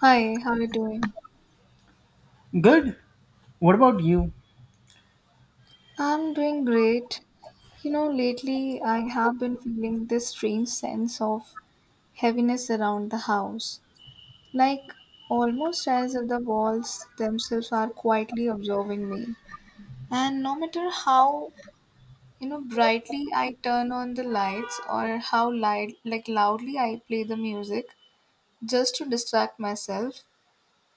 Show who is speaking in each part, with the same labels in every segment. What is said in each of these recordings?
Speaker 1: Hi, how are you doing?
Speaker 2: Good. What about you?
Speaker 1: I'm doing great. Lately I have been feeling this strange sense of heaviness around the house, like almost as if the walls themselves are quietly observing me. And no matter how, brightly I turn on the lights, or how like loudly I play the music just to distract myself.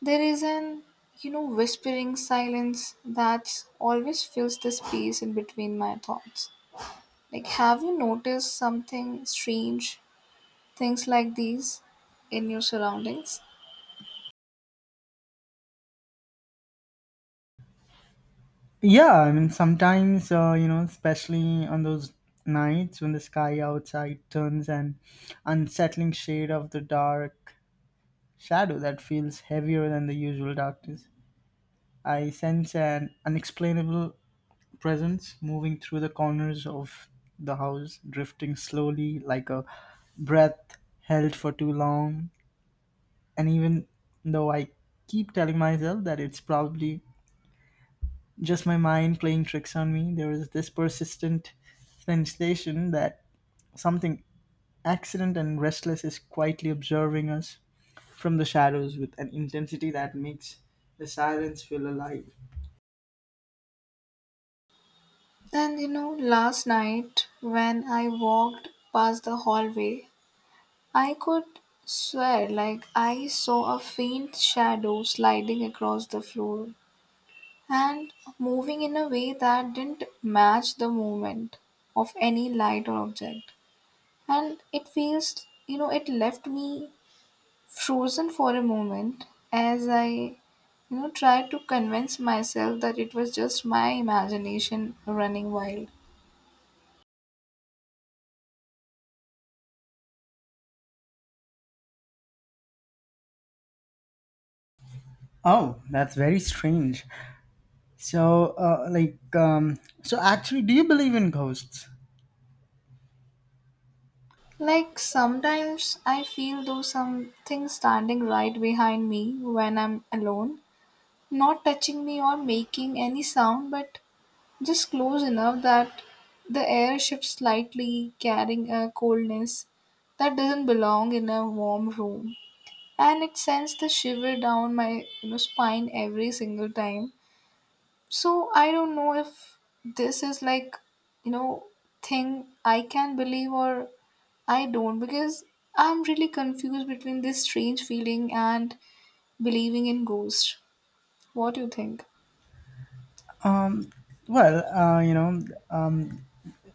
Speaker 1: There is an, whispering silence that always fills the space in between my thoughts. Like, have you noticed something strange, things like these in your surroundings?
Speaker 2: Yeah, I mean, sometimes, especially on those nights when the sky outside turns an unsettling shade of the dark shadow that feels heavier than the usual darkness, I sense an unexplainable presence moving through the corners of the house, drifting slowly like a breath held for too long. And even though I keep telling myself that it's probably just my mind playing tricks on me, there was this persistent sensation that something accident and restless is quietly observing us from the shadows with an intensity that makes the silence feel alive.
Speaker 1: Then, last night when I walked past the hallway, I could swear like I saw a faint shadow sliding across the floor and moving in a way that didn't match the movement of any light or object. And it feels it left me frozen for a moment as I tried to convince myself that it was just my imagination running wild.
Speaker 2: Oh, that's very strange. So, actually, do you believe in ghosts?
Speaker 1: Like, sometimes I feel though something standing right behind me when I'm alone, not touching me or making any sound, but just close enough that the air shifts slightly, carrying a coldness that doesn't belong in a warm room. And it sends the shiver down my spine every single time. So I don't know if this is like you know thing I can believe or I don't, because I'm really confused between this strange feeling and believing in ghosts. What do you think?
Speaker 2: Um, well,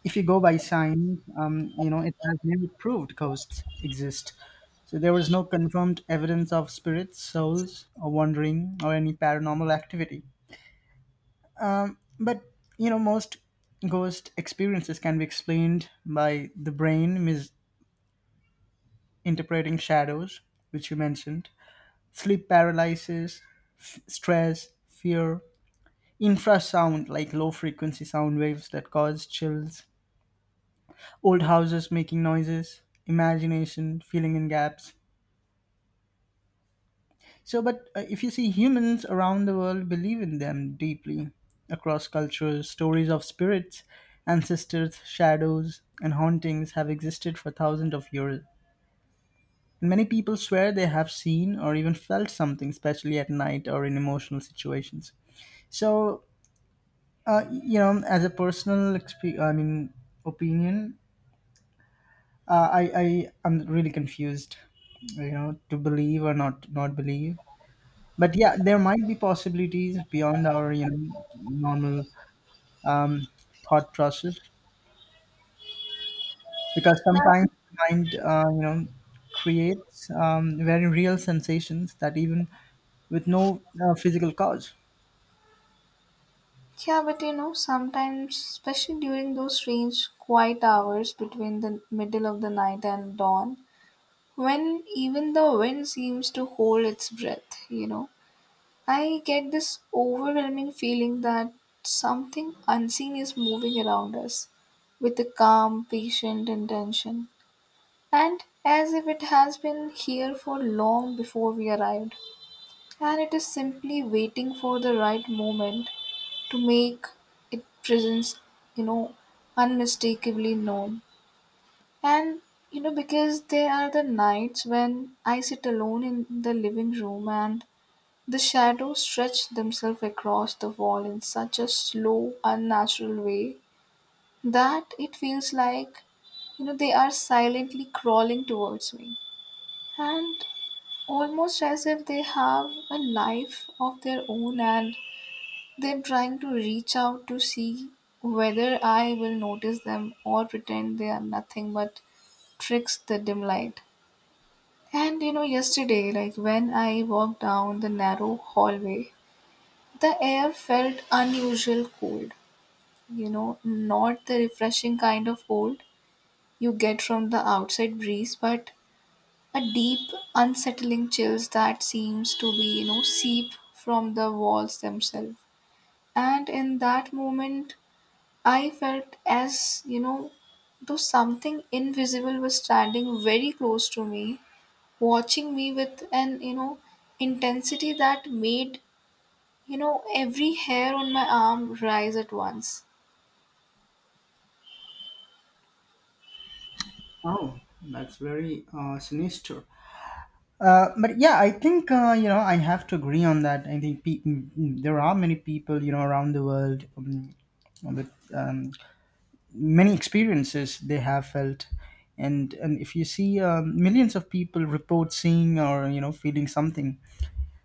Speaker 2: if you go by science, it has never proved ghosts exist. So there was no confirmed evidence of spirits, souls, or wandering, or any paranormal activity. But most ghost experiences can be explained by the brain misinterpreting shadows, which you mentioned, sleep paralysis, stress, fear, infrasound like low frequency sound waves that cause chills, old houses making noises, imagination filling in gaps. So, but if you see, humans around the world believe in them deeply across cultures. Stories of spirits, ancestors, shadows, and hauntings have existed for thousands of years. And many people swear they have seen or even felt something, especially at night or in emotional situations. So, as a personal, opinion, I am really confused, you know, to believe or not believe. But yeah, there might be possibilities beyond our normal um, thought process, because
Speaker 1: Yeah,
Speaker 2: sometimes mind, creates very real sensations, that even with no physical cause.
Speaker 1: yeah, but sometimes, especially during those strange quiet hours between the middle of the night and dawn, when even the wind seems to hold its breath, I get this overwhelming feeling that something unseen is moving around us with a calm, patient intention, and as if it has been here for long before we arrived, and it is simply waiting for the right moment to make its presence, you know, unmistakably known. And because there are the nights when I sit alone in the living room and the shadows stretched themselves across the wall in such a slow, unnatural way that it feels like, they are silently crawling towards me. And almost as if they have a life of their own, and they're trying to reach out to see whether I will notice them or pretend they are nothing but tricks the dim light. And yesterday, like when I walked down the narrow hallway, the air felt unusual cold, not the refreshing kind of cold you get from the outside breeze, but a deep, unsettling chills that seems to be, seep from the walls themselves. And in that moment, I felt as though something invisible was standing very close to me, watching me with an intensity that made every hair on my arm rise at once.
Speaker 2: Oh, that's very sinister. But yeah, I think you know, I have to agree on that. I think there are many people, you know, around the world with many experiences they have felt, and if you see, millions of people report seeing or you know feeling something,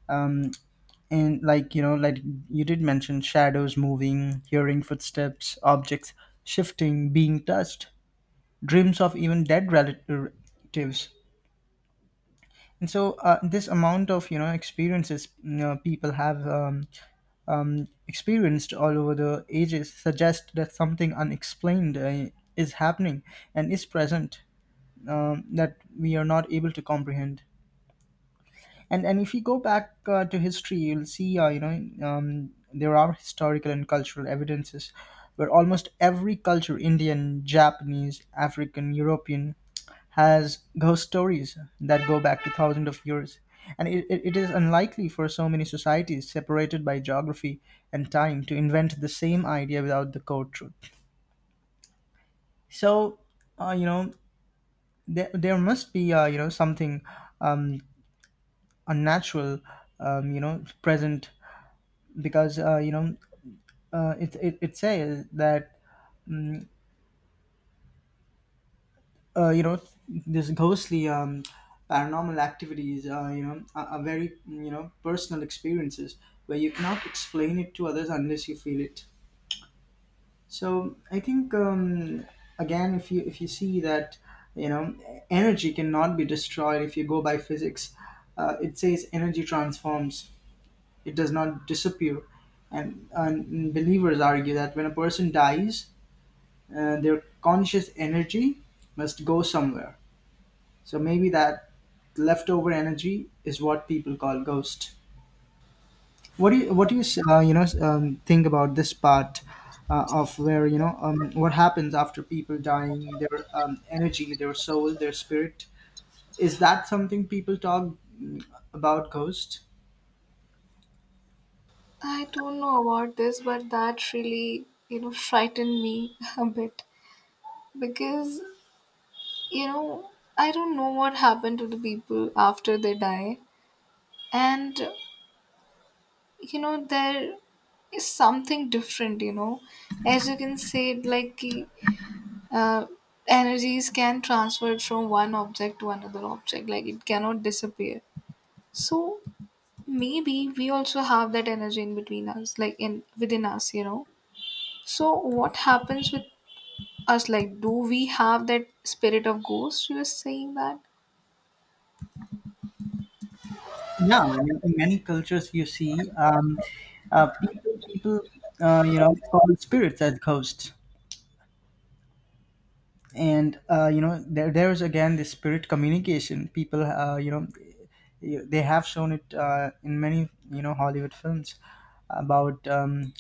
Speaker 2: um, and like you know like you did mention shadows moving, hearing footsteps, objects shifting, being touched, dreams of even dead relatives. And so this amount of you know experiences, you know, people have experienced all over the ages, suggest that something unexplained is happening and is present, that we are not able to comprehend. And if you go back to history, you'll see, there are historical and cultural evidences where almost every culture, Indian, Japanese, African, European, has ghost stories that go back to thousands of years, and it is unlikely for so many societies separated by geography and time to invent the same idea without the core truth. So, uh, you know, there must be, something um, unnatural, present. Because, it says that mm, uh, you know this ghostly paranormal activities are very you know personal experiences where you cannot explain it to others unless you feel it. So I think, again, if you see that, you know, energy cannot be destroyed. If you go by physics, it says energy transforms, it does not disappear. And believers argue that when a person dies, their conscious energy must go somewhere. So maybe that leftover energy is what people call ghost. What do you you know think about this part, of where, you know, what happens after people dying, their energy, their soul, their spirit? Is that something people talk mm, about ghost?
Speaker 1: I don't know about this, but that really, frightened me a bit because, you know, I don't know what happened to the people after they die. And there is something different. As you can say, it like, uh, energies can transfer from one object to another object, like, it cannot disappear. So, maybe we also have that energy in between us, like in within us, so what happens with us, like, do we have that spirit of ghost you were saying that?
Speaker 2: Yeah, I mean, in many cultures you see, people you know call spirits as ghosts. And there is again this spirit communication, people you know they have shown it in many, you know, hollywood films about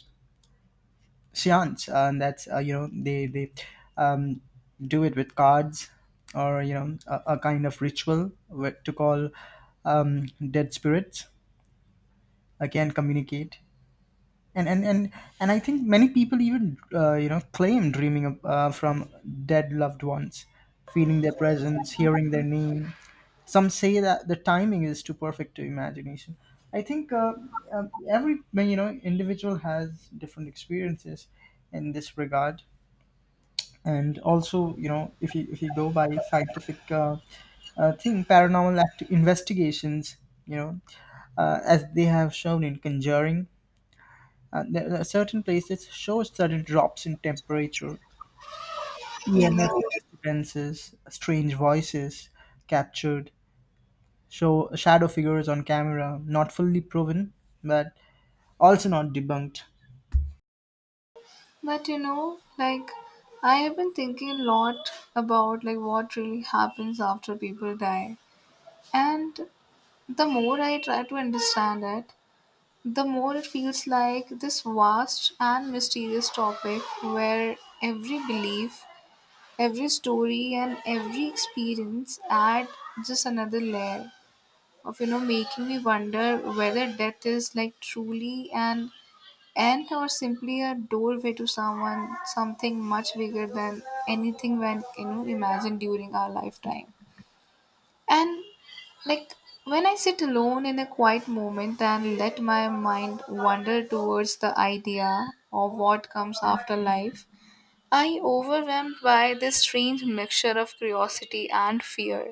Speaker 2: seance. And that's, you know they um, do it with cards, or, you know, a kind of ritual to call dead spirits, again communicate. And and and and I think many people even, claim dreaming of, from dead loved ones, feeling their presence, hearing their name. Some say that the timing is too perfect to imagination. I think every you know individual has different experiences in this regard. And also, you know, if you go by scientific thing, paranormal investigations, you know, as they have shown in Conjuring, there are certain places show sudden drops in temperature, yeah,
Speaker 1: Yeah,
Speaker 2: disturbances, strange voices captured, show shadow figures on camera, not fully proven, but also not debunked.
Speaker 1: but like, I have been thinking a lot about like what really happens after people die, and the more I try to understand it, the more it feels like this vast and mysterious topic where every belief, every story and every experience add just another layer of making me wonder whether death is like truly an end or simply a doorway to someone something much bigger than anything when imagined during our lifetime. And like, when I sit alone in a quiet moment and let my mind wander towards the idea of what comes after life, I overwhelmed by this strange mixture of curiosity and fear.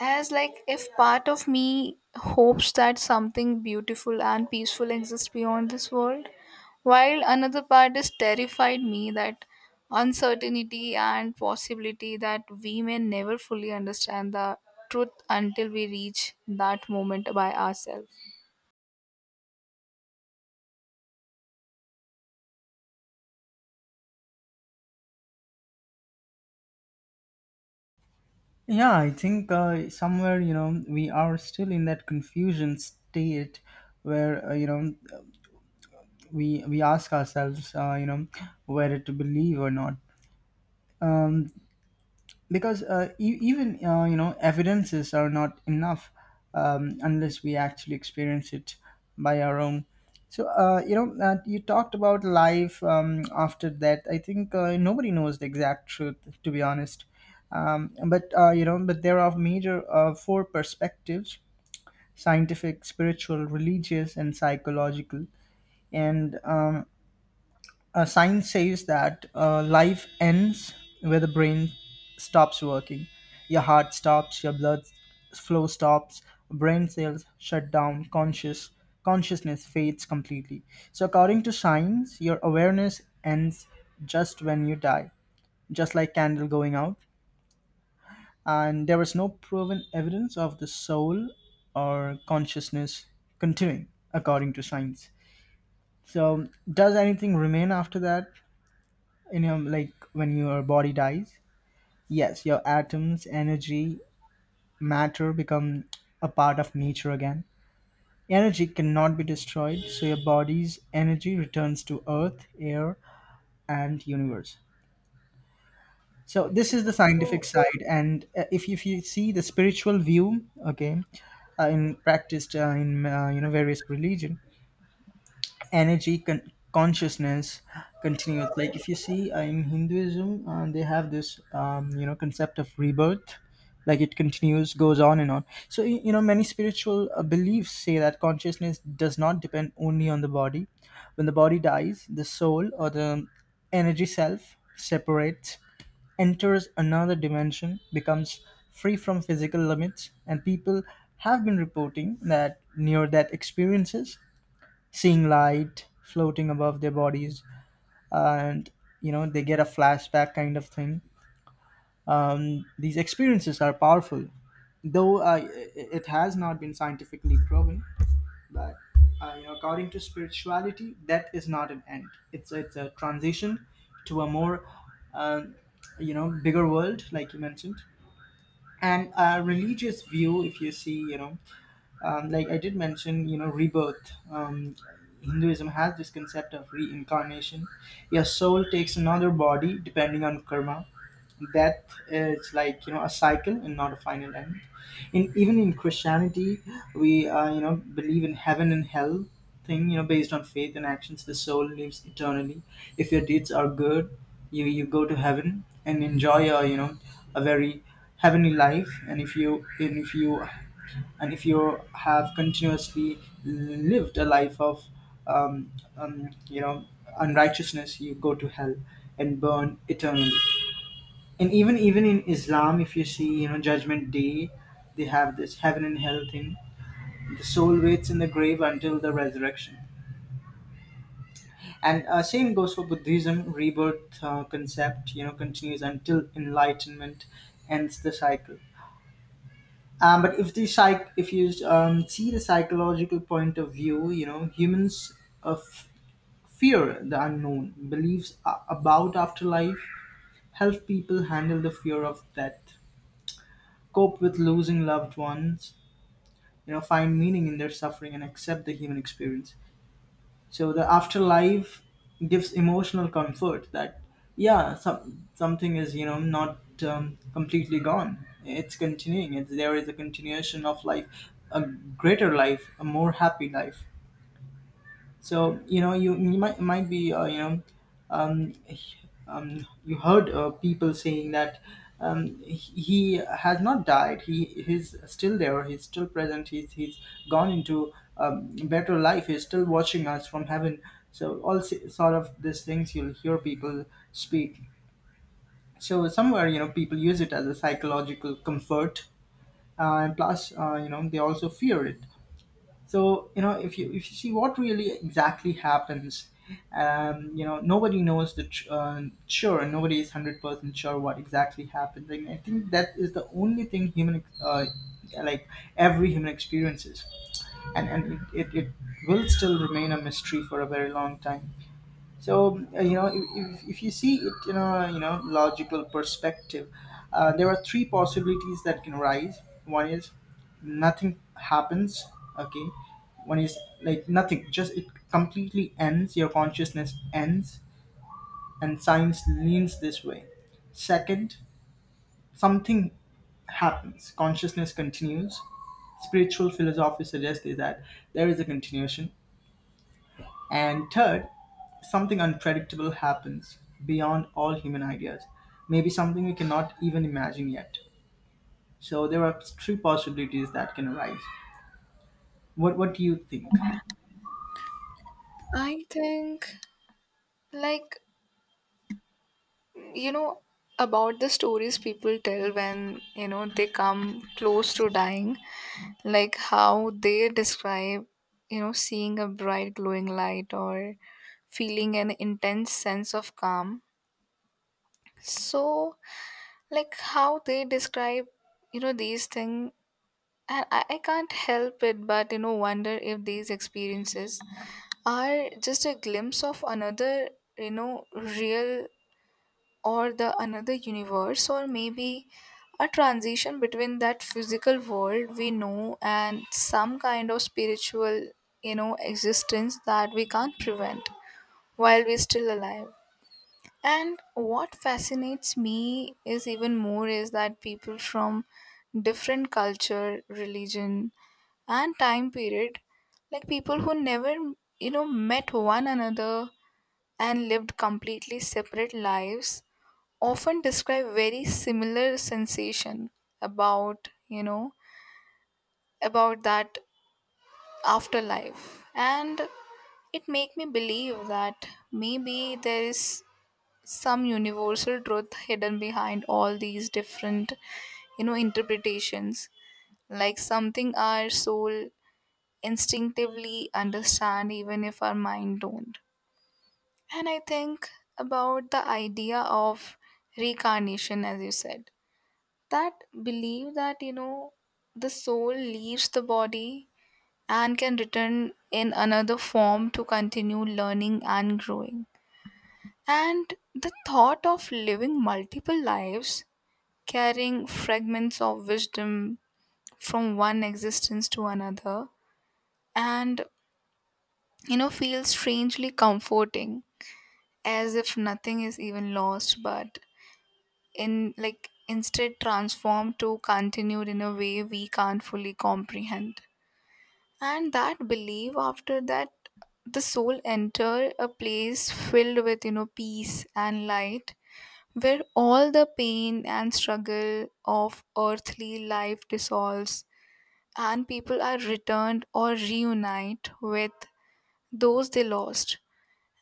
Speaker 1: As like if part of me hopes that something beautiful and peaceful exists beyond this world, while another part is terrified me that uncertainty and possibility that we may never fully understand the truth until we reach that moment by ourselves.
Speaker 2: Yeah, I think, somewhere, you know, we are still in that confusion state where, we ask ourselves, whether to believe or not. Because e- even you know, evidences are not enough, unless we actually experience it by our own. So, you talked about life, after that, I think, nobody knows the exact truth, to be honest. But You know, but there are major four perspectives: scientific, spiritual, religious and psychological. And Science says that life ends where the brain stops working. Your heart stops, your blood flow stops, brain cells shut down, consciousness fades completely. So according to science, your awareness ends just when you die, just like candle going out. And there was no proven evidence of the soul or consciousness continuing, according to science. So does anything remain after that? You know, like when your body dies, yes, your atoms, energy, matter become a part of nature again. Energy cannot be destroyed, so your body's energy returns to earth, air and universe. So this is the scientific side. And if you see the spiritual view, okay, in practiced in you know, various religion, consciousness continues. Like if you see, in hinduism, they have this, you know, concept of rebirth, like it continues, goes on and on. So you know, many spiritual beliefs say that consciousness does not depend only on the body. When the body dies, the soul or the energy self separates, enters another dimension, becomes free from physical limits. And people have been reporting that near death experiences, seeing light floating above their bodies, and you know they get a flashback kind of thing. These experiences are powerful, though it has not been scientifically proven. But you know, according to spirituality, death is not an end. It's a transition to a more, um, you know, bigger world, like you mentioned. And a religious view, if you see, you know, like I did mention, you know, rebirth. Hinduism has this concept of reincarnation. Your soul takes another body depending on karma. Death is like you know a cycle and not a final end. In Even in christianity, we you know believe in heaven and hell thing, you know, based on faith and actions. The soul lives eternally. If your deeds are good, you go to heaven and enjoy a you know a very heavenly life. And if you have continuously lived a life of you know, unrighteousness, you go to hell and burn eternally. And even even in Islam, if you see, you know, Judgment Day, they have this heaven and hell thing. The soul waits in the grave until the resurrection. And same goes for Buddhism. Rebirth concept, you know, continues until enlightenment ends the cycle. But if the psych, If you see the psychological point of view, you know, humans of fear the unknown. Beliefs about afterlife help people handle the fear of death, cope with losing loved ones, you know, find meaning in their suffering and accept the human experience. So the afterlife gives emotional comfort that yeah, something is you know not completely gone, it's continuing. It's, there is a continuation of life, a greater life, a more happy life. So you know, you might be, um, h- you heard people saying that, um, he he has not died. He's still there. He's still present. He's gone into better life. He's still watching us from heaven. So all sort of these things you'll hear people speak. So somewhere, you know, people use it as a psychological comfort, and plus you know, they also fear it. So you know, if you see what really exactly happens, you know, nobody knows the sure, and nobody is 100% sure what exactly happened. And I think that is the only thing, human ex- like every human experiences. And it will still remain a mystery for a very long time. So you know, if you see it in a you know logical perspective, there are three possibilities that can arise. One is nothing happens. Okay, one is like nothing, just it completely ends. Your consciousness ends, and science leans this way. Second, something happens. Consciousness continues. Spiritual philosophy suggests that there is a continuation. And third, something unpredictable happens beyond all human ideas, maybe something we cannot even imagine yet. So there are three possibilities that can arise. What do you think?
Speaker 1: I think like you know about the stories people tell when they come close to dying, like how they describe seeing a bright glowing light or feeling an intense sense of calm. So, like how they describe these things. And I can't help it, but wonder if these experiences are just a glimpse of another real, or the another universe, or maybe a transition between that physical world we know and some kind of spiritual existence that we can't prevent while we're still alive. And what fascinates me is even more is that people from different culture, religion and time period, like people who never met one another and lived completely separate lives, often describe very similar sensation about you know about that afterlife. And it make me believe that maybe there is some universal truth hidden behind all these different interpretations, like something our soul instinctively understand even if our mind don't. And I think about the idea of reincarnation, as you said, that belief that the soul leaves the body and can return in another form to continue learning and growing, and the thought of living multiple lives carrying fragments of wisdom from one existence to another, and feels strangely comforting, as if nothing is even lost, but in like instead transformed to continued in a way we can't fully comprehend. And that belief after that, the soul enter a place filled with peace and light, where all the pain and struggle of earthly life dissolves, and people are returned or reunite with those they lost.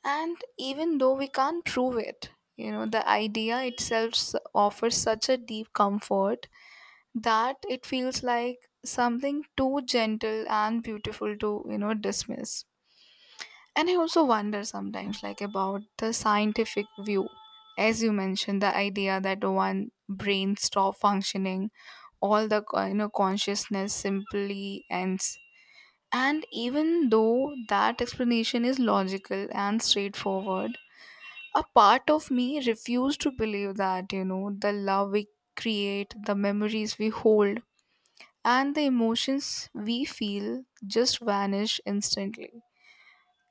Speaker 1: And even though we can't prove it, the idea itself offers such a deep comfort that it feels like something too gentle and beautiful to dismiss. And I also wonder sometimes, like, about the scientific view. As you mentioned, the idea that one brain stop functioning, all the consciousness simply ends. And even though that explanation is logical and straightforward, a part of me refused to believe that the love we create, the memories we hold, and the emotions we feel just vanish instantly,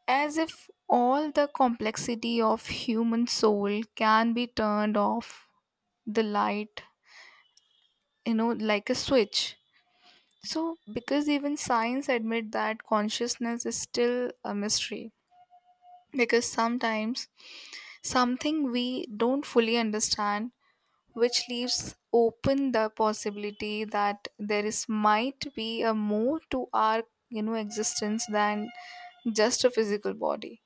Speaker 1: as if all the complexity of human soul can be turned off the light like a switch. So, because even science admit that consciousness is still a mystery, because sometimes something we don't fully understand, which leaves open the possibility that there is might be a more to our existence than just a physical body.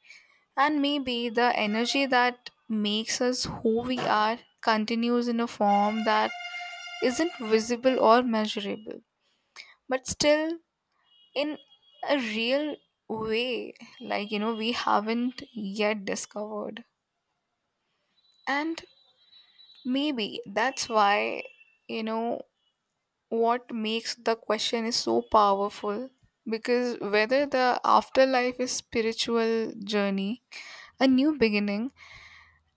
Speaker 1: And maybe the energy that makes us who we are continues in a form that isn't visible or measurable, but still in a real way, like we haven't yet discovered. And maybe that's why you know what makes the question is so powerful, because whether the afterlife is spiritual journey, a new beginning,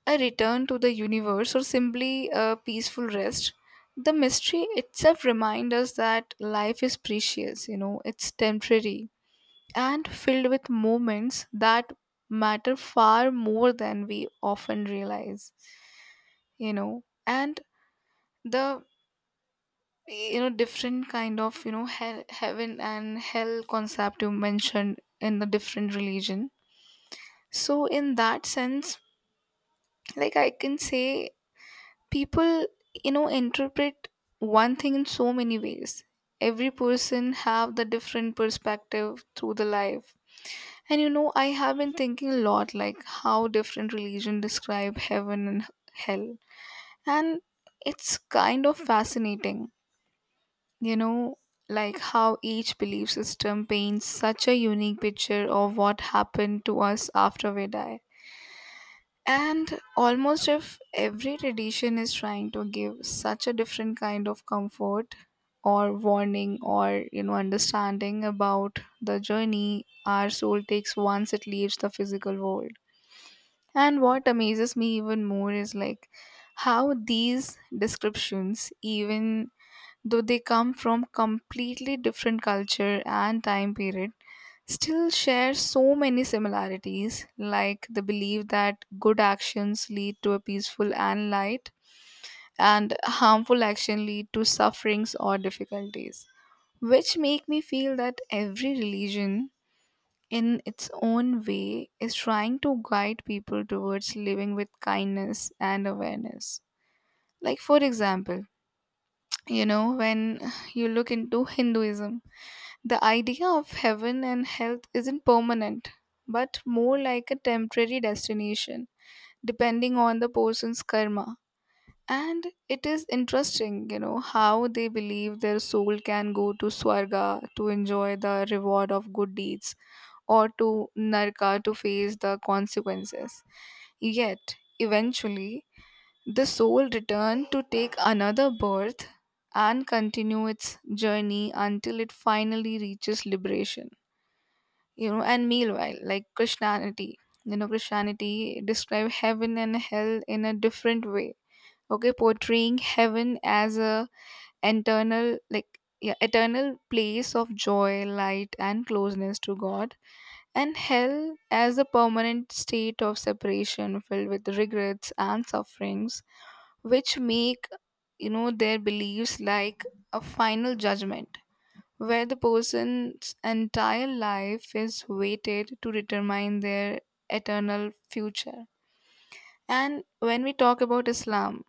Speaker 1: a return to the universe, or simply a peaceful rest, the mystery itself reminds us that life is precious, it's temporary and filled with moments that matter far more than we often realize. And the different kind of hell, heaven and hell concept you mentioned in the different religion. So in that sense, like I can say people interpret one thing in so many ways. Every person have the different perspective through the life. And I have been thinking a lot, like how different religion describe heaven and hell, and it's kind of fascinating you know like how each belief system paints such a unique picture of what happened to us after we die, and almost if every tradition is trying to give such a different kind of comfort or warning or understanding about the journey our soul takes once it leaves the physical world. And what amazes me even more is like how these descriptions, even though they come from completely different culture and time period, still share so many similarities, like the belief that good actions lead to a peaceful and light, and harmful action lead to sufferings or difficulties, which make me feel that every religion in its own way is trying to guide people towards living with kindness and awareness. Like, for example, when you look into Hinduism, the idea of heaven and health isn't permanent, but more like a temporary destination, depending on the person's karma. And it is interesting, how they believe their soul can go to Swarga to enjoy the reward of good deeds or to Narka to face the consequences. Yet, eventually, the soul returns to take another birth and continue its journey until it finally reaches liberation. And meanwhile, like christianity you know christianity describe heaven and hell in a different way, okay, portraying heaven as a eternal place of joy, light, and closeness to God, and hell as a permanent state of separation filled with regrets and sufferings, which make their beliefs like a final judgment, where the person's entire life is weighted to determine their eternal future. And when we talk about Islam,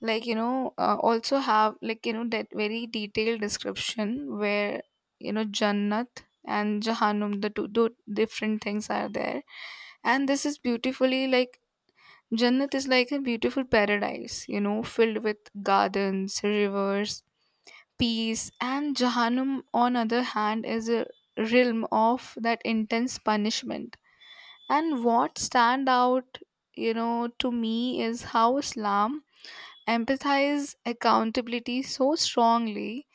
Speaker 1: like also have, like that very detailed description, where Jannat and Jahannam, the two different things, are there, and this is beautifully, like, Jannat is like a beautiful paradise, filled with gardens, rivers, peace, and Jahannam, on other hand, is a realm of that intense punishment. And what stand out, to me is how Islam emphasizes accountability so strongly,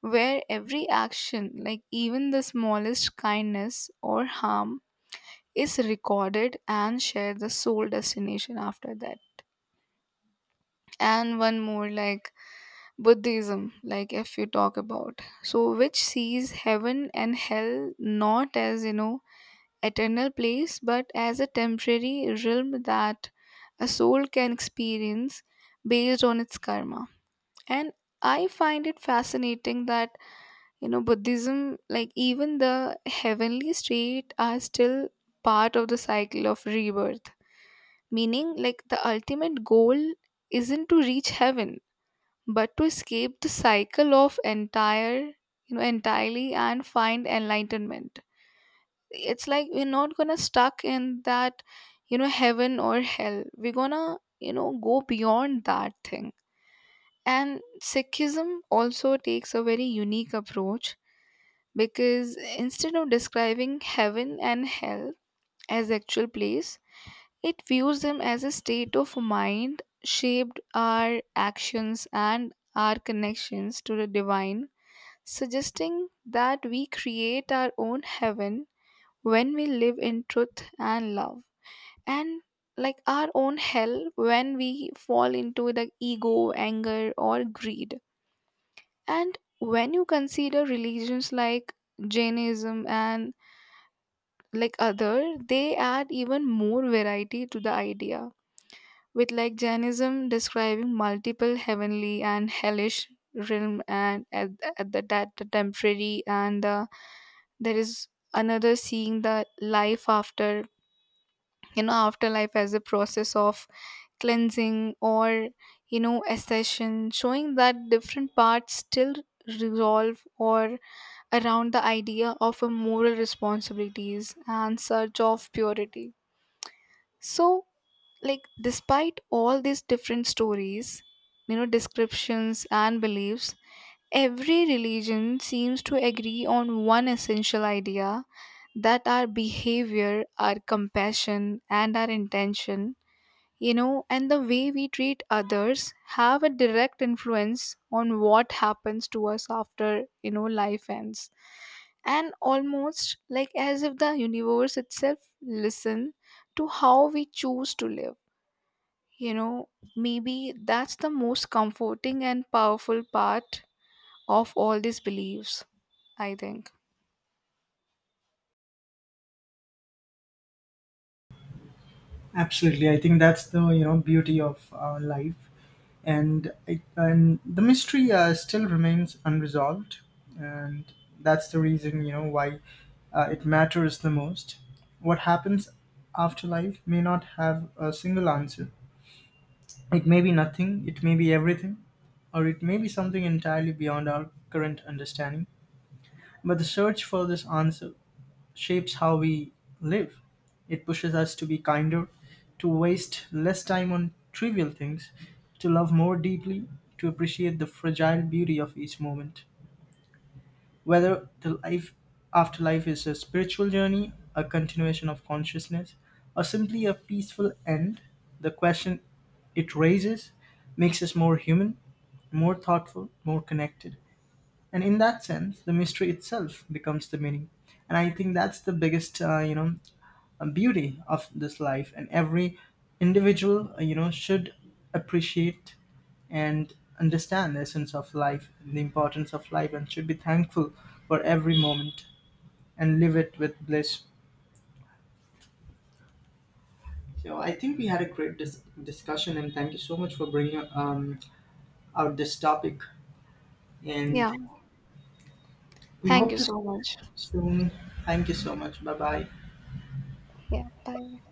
Speaker 1: where every action, like even the smallest kindness or harm, is recorded and shared the sole destination after that. And one more, like Buddhism, like if you talk about, so, which sees heaven and hell not as eternal place, but as a temporary realm that a soul can experience based on its karma. And I find it fascinating that Buddhism, like even the heavenly state, are still part of the cycle of rebirth. Meaning, like the ultimate goal isn't to reach heaven but to escape the cycle of entirely and find enlightenment. It's like we're not gonna stuck in that, heaven or hell, we're gonna go beyond that thing. And Sikhism also takes a very unique approach, because instead of describing heaven and hell as actual place, it views them as a state of mind, shaped our actions and our connections to the divine, suggesting that we create our own heaven when we live in truth and love, and like our own hell when we fall into the ego, anger, or greed. And when you consider religions like Jainism and like other, they add even more variety to the idea, with like Jainism describing multiple heavenly and hellish realm, and at the, that the temporary and the, there is another seeing the life after afterlife as a process of cleansing or accession, showing that different parts still revolve or around the idea of a moral responsibilities and search of purity. So, like, despite all these different stories, descriptions and beliefs, every religion seems to agree on one essential idea, that our behavior, our compassion, and our intention, and the way we treat others have a direct influence on what happens to us after life ends. And almost like as if the universe itself listen to how we choose to live you know, maybe that's the most comforting and powerful part of all these beliefs, I think.
Speaker 2: Absolutely, I think that's the you know beauty of life, and the mystery still remains unresolved, and that's the reason, you know, why it matters the most. What happens after life may not have a single answer. It may be nothing, it may be everything, or it may be something entirely beyond our current understanding. But the search for this answer shapes how we live. It pushes us to be kinder, to waste less time on trivial things, to love more deeply, to appreciate the fragile beauty of each moment. Whether the life afterlife is a spiritual journey, a continuation of consciousness, or simply a peaceful end, the question it raises makes us more human, more thoughtful, more connected. And in that sense, the mystery itself becomes the meaning. And I think that's the biggest, beauty of this life, and every individual, should appreciate and understand the essence of life, the importance of life, and should be thankful for every moment and live it with bliss. So I think we had a great discussion, and thank you so much for bringing out this topic,
Speaker 1: Yeah.
Speaker 2: and we
Speaker 1: Thank
Speaker 2: hope
Speaker 1: you
Speaker 2: to see
Speaker 1: so
Speaker 2: you
Speaker 1: much.
Speaker 2: soon. Thank you so much. Bye bye.
Speaker 1: Yeah. Bye.